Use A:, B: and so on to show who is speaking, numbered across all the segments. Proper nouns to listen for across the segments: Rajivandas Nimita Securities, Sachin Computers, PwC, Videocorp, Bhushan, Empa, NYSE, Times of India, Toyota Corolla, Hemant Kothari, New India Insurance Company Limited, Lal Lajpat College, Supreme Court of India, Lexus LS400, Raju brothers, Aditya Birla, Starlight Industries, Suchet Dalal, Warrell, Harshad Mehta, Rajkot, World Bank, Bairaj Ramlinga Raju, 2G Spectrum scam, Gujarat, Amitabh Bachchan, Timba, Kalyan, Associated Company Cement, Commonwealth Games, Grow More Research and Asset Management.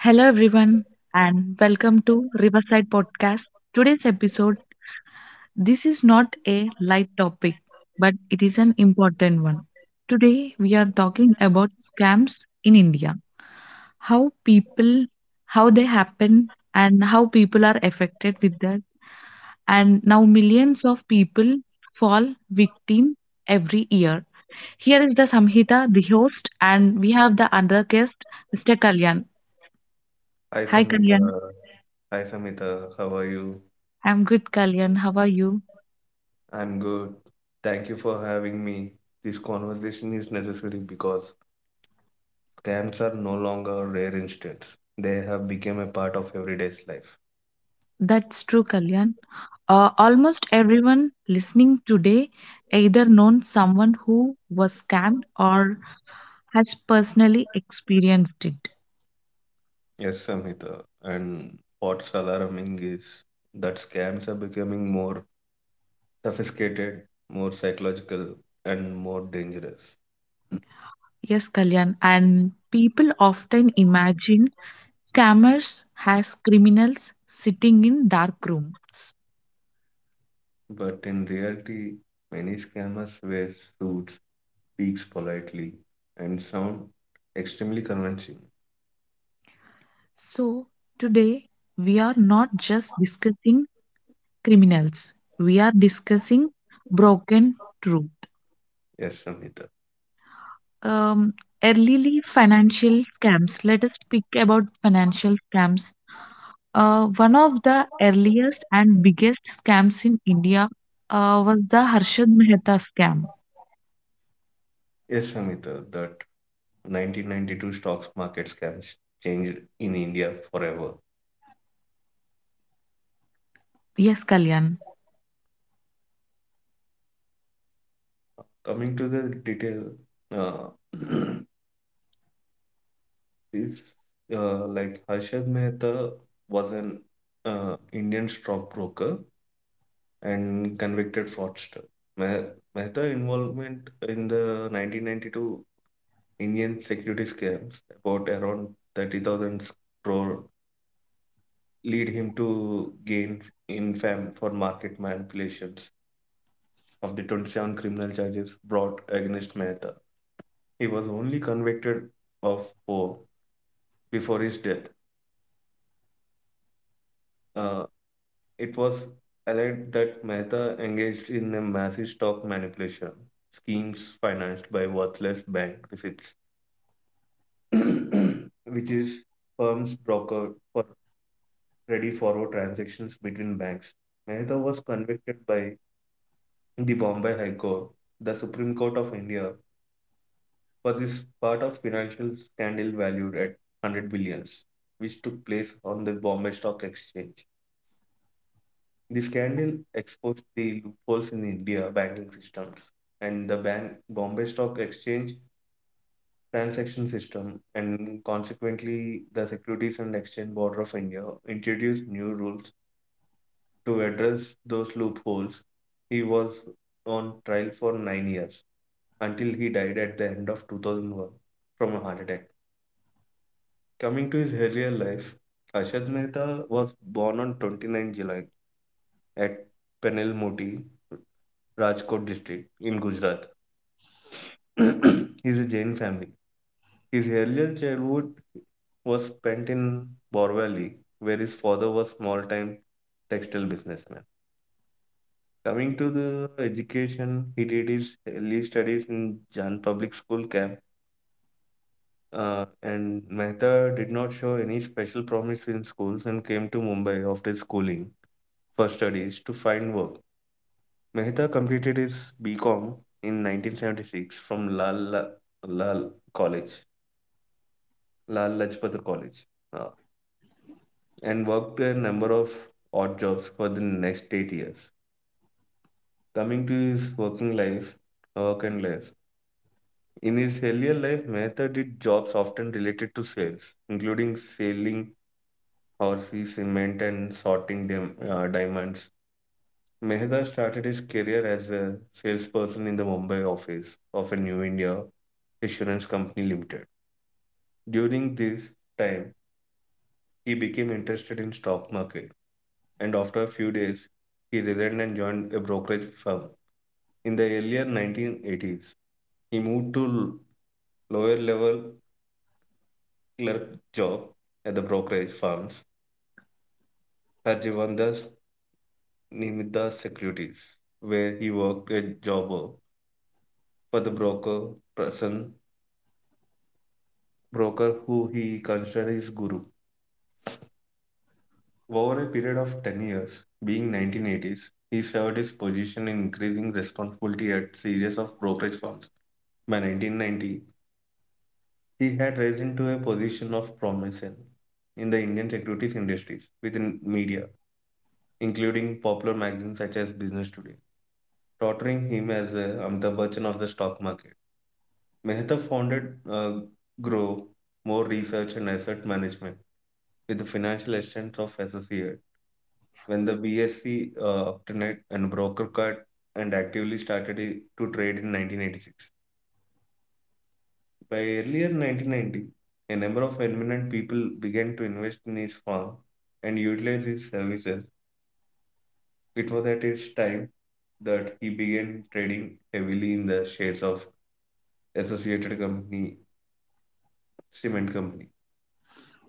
A: Hello, everyone, and welcome to Riverside Podcast. Today's episode, this is not a light topic, but it is an important one. Today, we are talking about scams in India, how people, how they happen, and how people are affected with that. And now, millions of people fall victim every year. Here is the Samhita, the host, and we have the other guest, Mr. Kalyan.
B: Hi
A: Hi,
B: Samita,
A: Kalyan.
B: hi Samita, how are you?
A: I'm good, Kalyan. How are you?
B: I'm good. Thank you for having me. This conversation is necessary because scams are no longer rare instance. They have become a part of everyday's life.
A: That's true, Kalyan. Almost everyone listening today either known someone who was scammed or has personally experienced it.
B: Yes, Samita. And what's alarming is that scams are becoming more sophisticated, more psychological, and more dangerous.
A: Yes, Kalyan. And people often imagine scammers as criminals sitting in dark room.
B: But in reality, many scammers wear suits speaks politely and sound extremely convincing.
A: So today we are not just discussing criminals. We are discussing broken truth.
B: Yes, Samhita.
A: Um, early financial scams. Let us speak about financial scams. One of the earliest and biggest scams in India was the Harshad Mehta scam.
B: Yes, Samhita, that 1992 stocks market scams changed in India forever.
A: Yes, Kalyan.
B: Coming to the detail, uh, this like Harshad Mehta was an Indian stockbroker and convicted fraudster. Meh- Mehta involvement in the 1992 Indian security scams about around 30,000 crore lead him to gain infamy for market manipulations. Of the 27 criminal charges brought against Mehta, he was only convicted of four before his death. Uh, it was alleged that Mehta engaged in a massive stock manipulation schemes financed by worthless bank receipts, which is firms brokered for ready forward transactions between banks. Mehta was convicted by the Bombay High Court, the Supreme Court of India, for this part of financial scandal valued at 100 billions, which took place on the Bombay Stock Exchange. The scandal exposed the loopholes in India banking systems and the bank Bombay Stock Exchange transaction system, and consequently, the Securities and Exchange Board of India introduced new rules to address those loopholes. He was on trial for 9 years until he died at the end of 2001 from a heart attack. Coming to his earlier life, Ashad Mehta was born on 29 July at Penelmoti, Rajkot district in Gujarat. He is a Jain family. His earlier childhood was spent in Borvali, where his father was small-time textile businessman. Coming to the education, he did his early studies in Jan Public School camp, and Mehta did not show any special promise in schools and came to Mumbai after schooling for studies to find work. Mehta completed his BCom in 1976 from Lal Lal College, Lal Lajpat College, uh, and worked a number of odd jobs for the next 8 years. Coming to his working life, work and life. In his earlier life, Mehta did jobs often related to sales, including selling horses, cement, and sorting diamonds. Mehta started his career as a salesperson in the Mumbai office of a New India Insurance Company Limited. During this time, he became interested in stock market and after a few days, he resigned and joined a brokerage firm. In the earlier 1980s, he moved to lower level clerk job at the brokerage firms Rajivandas Nimita Securities, where he worked a jobber for the person broker who he considered his guru. Over a period of 10 years, being 1980s, he served his position in increasing responsibility at series of brokerage firms. By 1990, he had risen to a position of prominence in the Indian securities industries within media, including popular magazines such as Business Today. Torturing him as a Amitabh Bachchan of the stock market. Mehta founded uh, Grow More Research and Asset Management with the financial assistance of associate. When the B. S. C. Obtained and broker card and actively started to trade in 1986. By earlier 1990, a number of eminent people began to invest in his firm and utilize his services. It was at his time that he began trading heavily in the shares of Associated Company Cement company.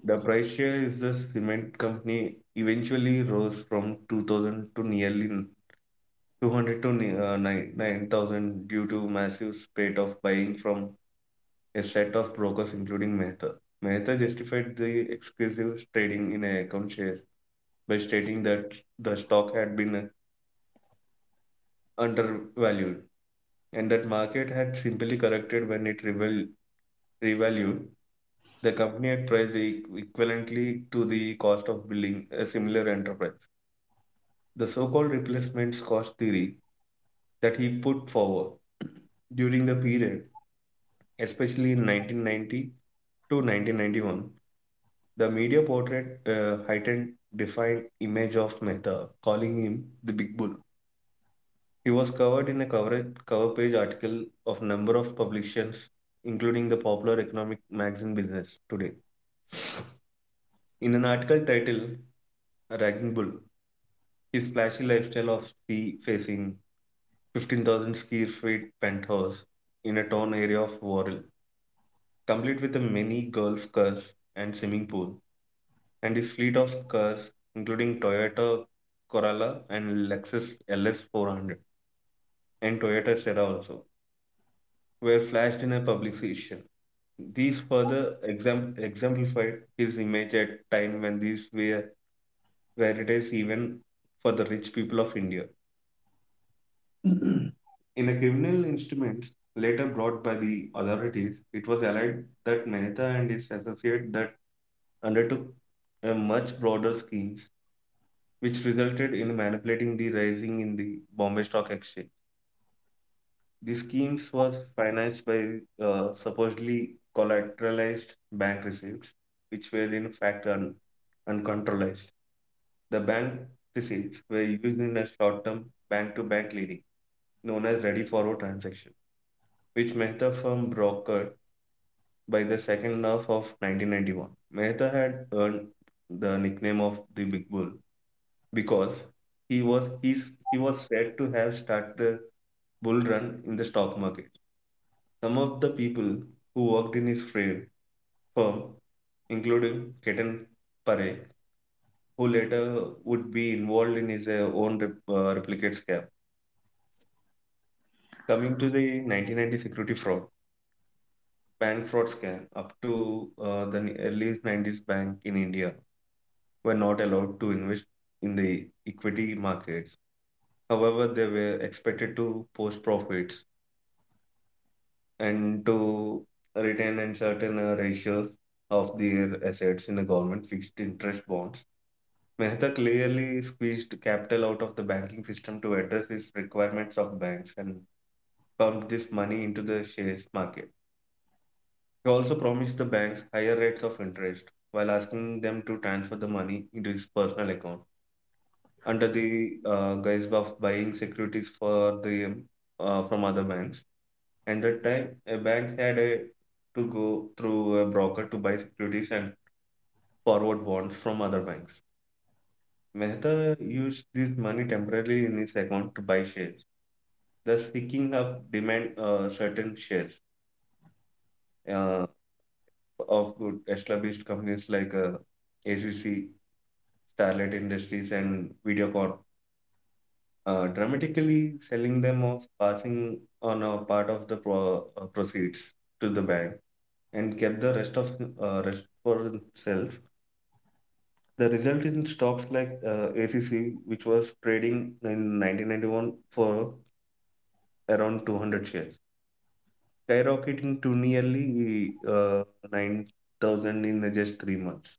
B: The price share of the cement company eventually rose from 2000 to nearly 200 to 9,000 due to massive spate of buying from a set of brokers including Mehta. Mehta justified the exclusive trading in account shares by stating that the stock had been undervalued, and that market had simply corrected when it revalued the company at price equivalently to the cost of building a similar enterprise. The so-called replacements cost theory that he put forward during the period, especially in 1990 to 1991, the media portrayed a heightened, defined image of Mehta, calling him the Big Bull. He was covered in a cover page article of number of publications, including the popular economic magazine Business Today. In an article titled "A Ragging Bull," his flashy lifestyle of sea facing 15,000 square feet penthouse in a town area of Warrell, complete with a mini golf course and swimming pool, and his fleet of cars, including Toyota Corolla and Lexus LS400 and Toyota Serra also, were flashed in a publication. These further exemplified his image at a time when these were rarities even for the rich people of India. In a criminal instruments later brought by the authorities, it was alleged that Mehta and his associate that undertook a much broader schemes, which resulted in manipulating the rising in the Bombay Stock Exchange. The schemes were financed by supposedly collateralized bank receipts, which were in fact uncontrolled. The bank receipts were used in a short-term bank-to-bank lending known as ready forward transaction, which Mehta firm brokered by the second half of 1991. Mehta had earned the nickname of the Big Bull because he was he's, he was said to have started bull run in the stock market. Some of the people who worked in his firm, including Ketan Pare, who later would be involved in his own replicate scam. Coming to the 1990 security fraud, bank fraud scam up to the early 90s bank in India were not allowed to invest in the equity markets. However, they were expected to post profits and to retain in certain ratios of their assets in the government fixed interest bonds. Mehta clearly squeezed capital out of the banking system to address his requirements of banks and pumped this money into the shares market. He also promised the banks higher rates of interest while asking them to transfer the money into his personal account under the guise of buying securities for the from other banks. And that time, a bank had to go through a broker to buy securities and forward bonds from other banks. Mehta used this money temporarily in his account to buy shares, thus picking up demand certain shares uh, of good established companies like ACC, Starlight Industries, and Videocorp, dramatically selling them off, passing on a part of the proceeds to the bank, and kept the rest for himself. The result in stocks like ACC, which was trading in 1991 for around 200 shares, skyrocketing to nearly 9,000 in just 3 months.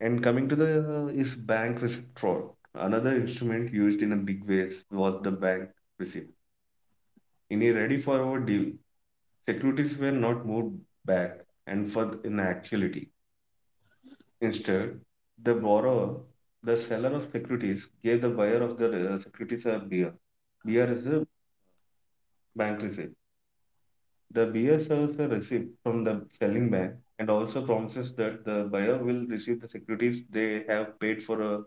B: And coming to the is bank receipt fraud. Another instrument used in a big ways was the bank receipt. In a ready forward deal, securities were not moved back and for in actuality. Instead, the borrower, the seller of securities, gave the buyer of the securities a beer. Beer is a bank receipt. The beer serves a receipt from the selling bank and also promises that the buyer will receive the securities they have paid for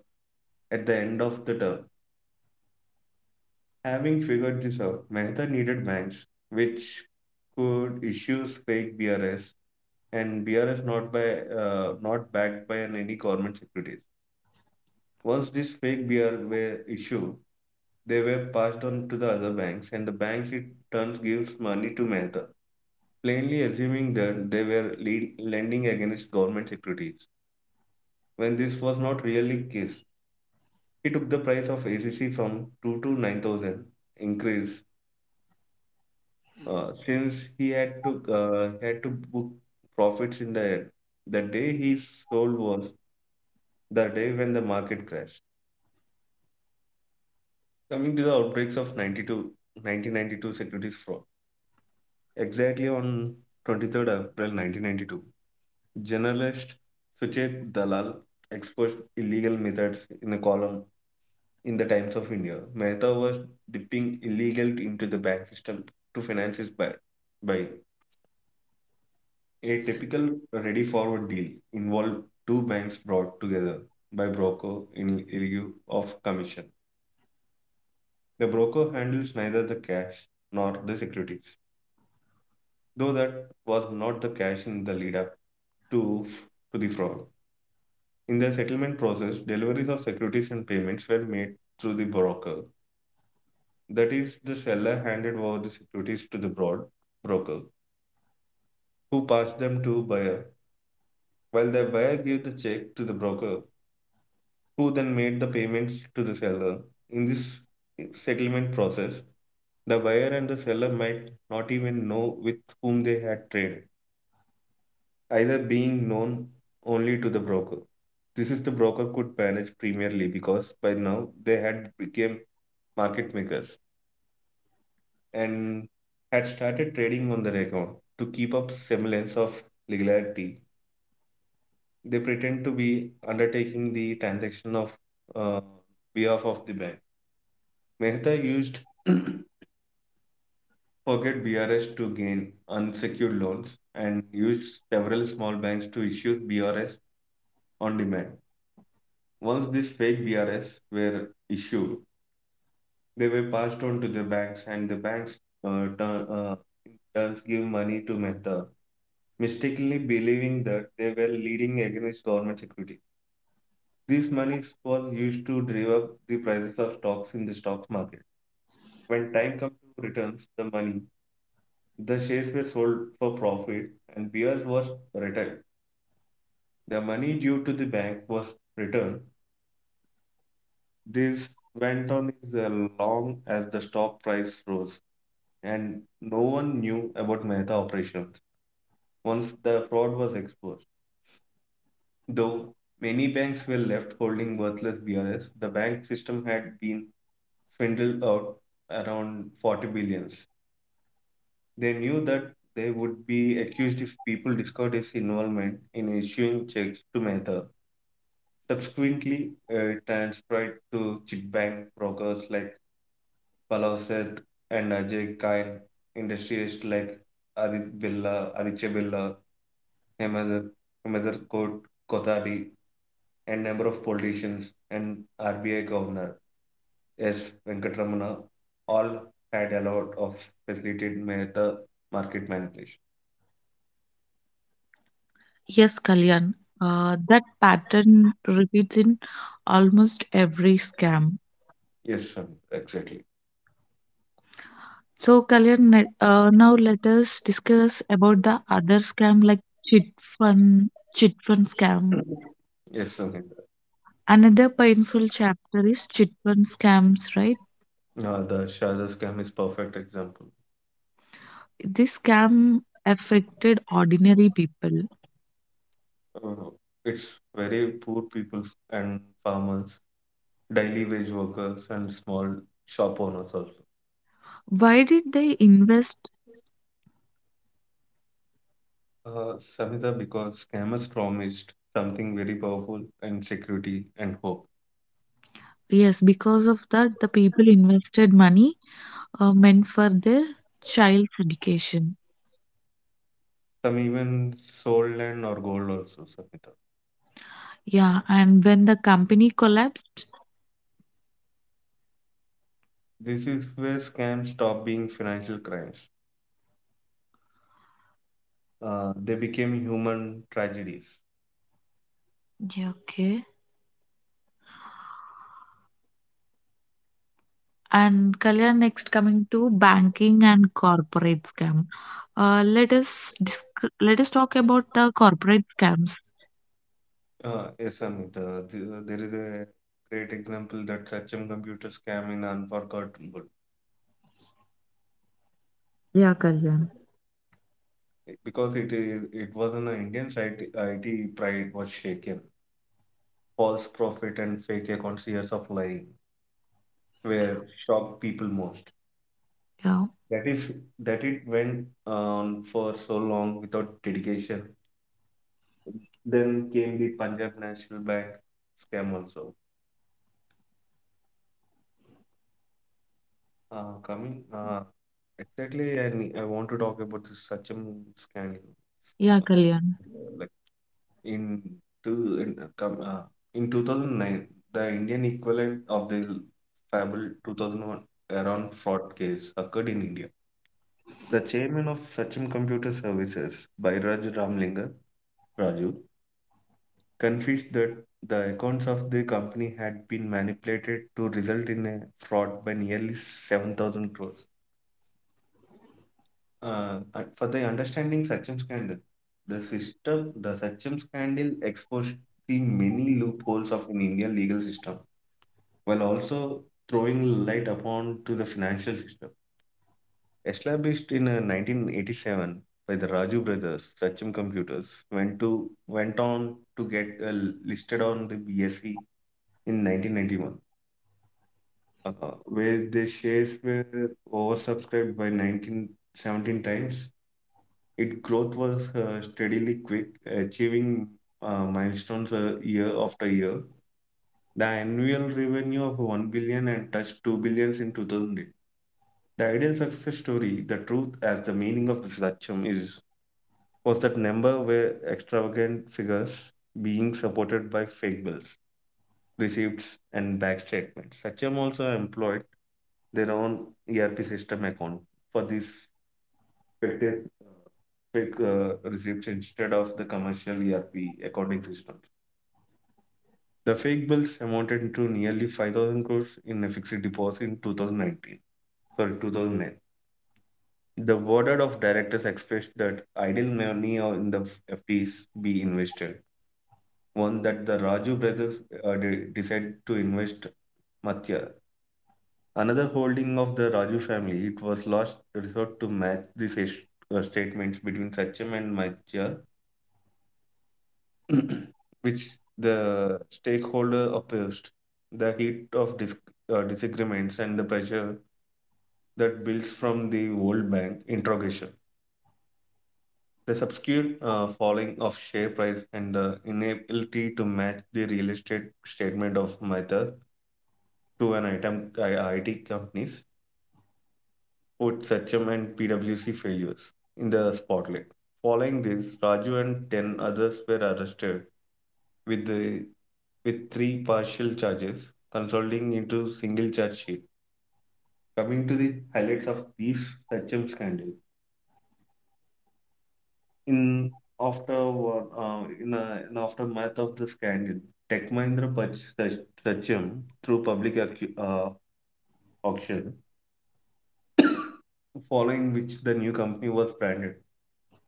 B: at the end of the term. Having figured this out, Mehta needed banks which could issue fake BRS and BRS not backed by any government security. Once this fake beer were issued, they were passed on to the other banks, and the banks in turn gives money to Mehta, plainly assuming that they were lending against government securities. When this was not really the case, he took the price of ACC from 2 to 9,000 increase, since he had to book profits in the air. The day he sold was the day when the market crashed. Coming to the outbreaks of 92 1992 securities fraud. Exactly on 23rd April 1992, journalist Suchet Dalal exposed illegal methods in a column in the Times of India. Mehta was dipping illegal into the bank system to finance his buy. A typical ready forward deal involved two banks brought together by broker in lieu of commission. The broker handles neither the cash nor the securities, though that was not the cash in the lead up to, to the fraud. In the settlement process, deliveries of securities and payments were made through the broker. That is, the seller handed over the securities to the broad broker, who passed them to buyer, while the buyer gave the check to the broker, who then made the payments to the seller. In this settlement process, the buyer and the seller might not even know with whom they had traded, either being known only to the broker. This is the broker could manage primarily because by now they had become market makers and had started trading on their account. To keep up semblance of legality, they pretend to be undertaking the transaction of uh, behalf of the bank. Mehta used Forget BRS to gain unsecured loans and used several small banks to issue BRS on demand. Once these fake BRS were issued, they were passed on to the banks, and the banks uh, turn, uh, in turns give money to Mehta, mistakenly believing that they were leading against government security. These monies was used to drive up the prices of stocks in the stock market. When time comes to returns the money, the shares were sold for profit and BRS was retired. The money due to the bank was returned. This went on as long as the stock price rose. And no one knew about Mehta operations once the fraud was exposed. Though many banks were left holding worthless BRS, the bank system had been swindled out around 40 billions. They knew that they would be accused if people discovered his involvement in issuing checks to Mehta. Subsequently, transferred to chit bank brokers like Palavseth and Ajay Kain, industrialists like Aditya Birla, Hemant Koot Kothari, and number of politicians and RBI Governor S. Venkatramana all had a lot of facilitated the market manipulation.
A: Yes, Kalyan. That pattern repeats in almost every scam.
B: Yes, Samir, exactly.
A: So, Kalyan, now let us discuss about the other scam like chit fund scam.
B: Yes, Samir.
A: Another painful chapter is chit fund scams, right?
B: The Sharda scam is perfect example.
A: This scam affected ordinary people.
B: Uh, it's very poor people and farmers, daily wage workers, and small shop owners also.
A: Why did they invest?
B: Samhita, because scammers promised something very powerful and security and hope.
A: Yes, because of that, the people invested money meant for their child's education.
B: Some even sold land or gold also, Samhita.
A: Yeah, and when the company collapsed,
B: This is where scams stop being financial crimes. They became human tragedies.
A: yeah, okay. And Kalyan, next coming to banking and corporate scam. Let us talk about the corporate scams.
B: Yes, Samhita, there is a great example that Sachin computer scam in Unforgettable.
A: Yeah, Kalyan.
B: Because it was on an Indian site. IT pride was shaken. False profit and fake accounts, years of lying. Were shocked people most.
A: Yeah,
B: That if that it went on for so long without dedication. Then came the Punjab National Bank scam also. Coming exactly, I want to talk about this Sachin scandal.
A: yeah,
B: Uh,
A: Kalyan.
B: Like in two in, com- in 2009, the Indian equivalent of the fable 2001 Iran fraud case occurred in India. The chairman of Sachin Computer Services, Bairaj Ramlinga Raju, confessed that the accounts of the company had been manipulated to result in a fraud by nearly 7,000 crores. For the understanding Sachin scandal, the Sachin scandal exposed the many loopholes of an Indian legal system while also throwing light upon to the financial system. Established in 1987 by the Raju brothers, Sachin Computers went on to get listed on the BSE in 1991, uh, where the shares were oversubscribed by 1917 times. Its growth was steadily quick, achieving milestones year after year. The annual revenue of 1 billion and touched 2 billions in 2008. The ideal success story, the truth as the meaning of the Satcham, is was that number were extravagant figures being supported by fake bills, receipts, and bank statements. Sachem also employed their own ERP system account for these fictitious fake receipts instead of the commercial ERP accounting system. The fake bills amounted to nearly 5,000 crores in a fixed deposit in 2019. Sorry, 2009. The board of directors expressed that idle money in the FDs be invested one that the Raju brothers decided to invest Matsya. Another holding of the Raju family, it was last resort to match the statements between Sachem and Matsya, which the stakeholder opposed. The heat of disagreements and the pressure that builds from the World Bank interrogation. The subsequent falling of share price and the inability to match the real estate statement of Mehta to an item, IT companies put Sachem and PwC failures in the spotlight. Following this, Raju and 10 others were arrested with, with three partial charges, consolidating into single charge sheet. Coming to the highlights of these Sachem scandal. In after what- in, a, in aftermath of the scandal, Tech Mahindra purchased Sachem through public auction, following which the new company was branded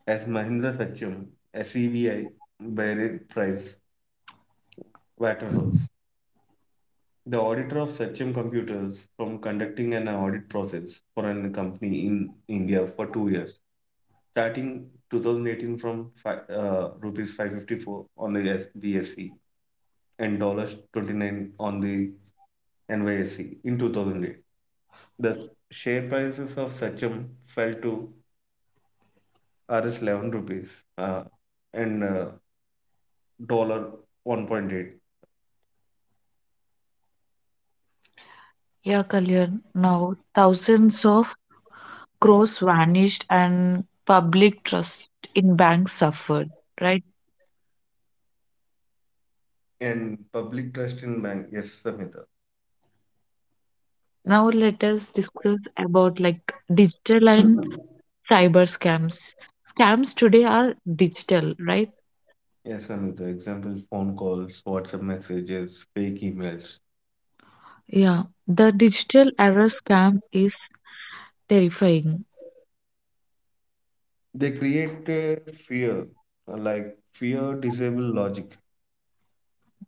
B: as Mahindra Sachem, SEBI, Barrett Price, Waterhouse. The auditor of Sachem Computers from conducting an audit process for a company in India for 2 years, starting 2018 from rupees 554 on the BSE and dollars 29 on the NYSE in 2008. The share prices of Sachem fell to Rs 11 rupees uh, and $1 1.8.
A: Yeah, Kalyan. Now, thousands of crores vanished and public trust in banks suffered, right?
B: And public trust in bank. Yes, Samita.
A: Now, let us discuss about like digital and cyber scams. Scams today are digital, right?
B: Yes, Samita. Example, phone calls, WhatsApp messages, fake emails.
A: Yeah, the digital error scam is terrifying.
B: They create fear, like fear disable logic.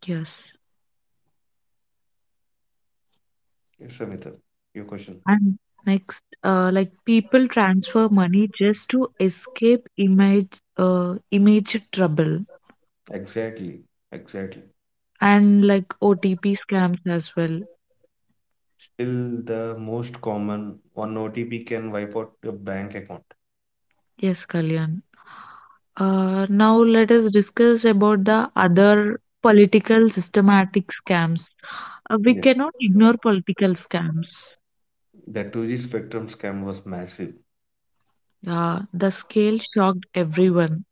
A: Yes.
B: Yes, Samita. Your question.
A: And next, like people transfer money just to escape image trouble.
B: Exactly. Exactly.
A: And like OTP scams as well.
B: Still, the most common one OTP can wipe out your bank account.
A: Yes, Kalyan. Now let us discuss about the other political systematic scams. We
B: Yes.
A: cannot ignore political scams.
B: The 2G Spectrum scam was massive.
A: Yeah, the scale shocked everyone.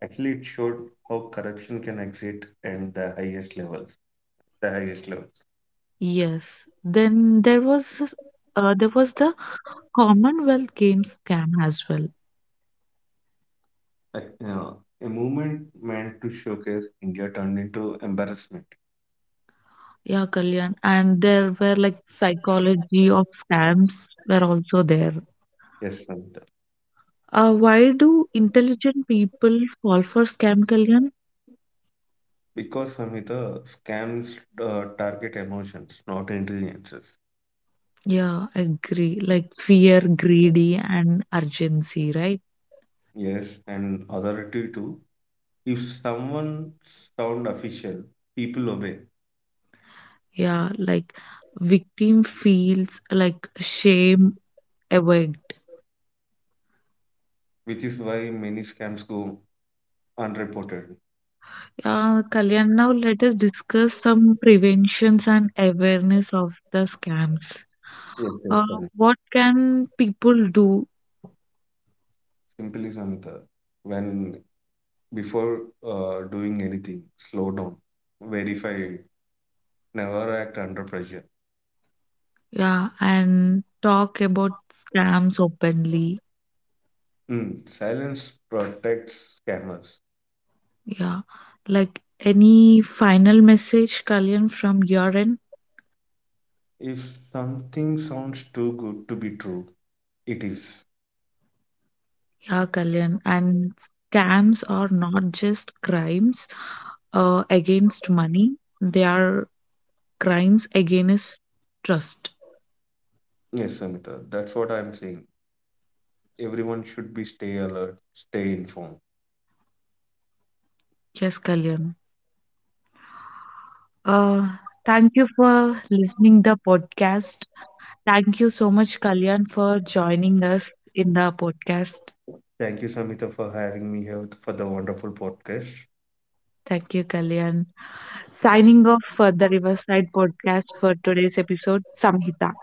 B: Actually, it showed how corruption can exist and the highest levels. The highest levels.
A: Yes. Then there was the Commonwealth Games scam as well.
B: Like, a movement meant to showcase India turned into embarrassment.
A: Yeah, Kalyan. And there were like psychology of scams were also there.
B: Yes, Samhita.
A: Why do intelligent people fall for scam, Kalyan?
B: Because Samhita, scams target emotions, not intelligences.
A: Yeah, agree. Like fear, greedy, and urgency, right?
B: Yes, and authority too. If someone sound official, people obey,
A: Yeah, like victim feels like shame awake.
B: which is why many scams go unreported.
A: Kalyan, now let us discuss some preventions and awareness of the scams.
B: Yes, yes,
A: Uh,
B: Samhita.
A: what can people do?
B: Simply, Samhita, when before doing anything, slow down, verify, never act under pressure.
A: Yeah, and talk about scams openly.
B: Silence protects scammers.
A: Yeah. Like any final message, Kalyan, from your end?
B: If something sounds too good to be true, it is.
A: Yeah, Kalyan. And scams are not just crimes against money, they are crimes against trust.
B: Yes, Samita, that's what I'm saying. Everyone should be stay alert, stay informed.
A: Yes, Kalyan. Uh, thank you for listening the podcast. Thank you so much, Kalyan, for joining us in the podcast.
B: Thank you, Samita, for having me here for the wonderful podcast.
A: Thank you, Kalyan. Signing off for the Riverside podcast for today's episode, Samhita.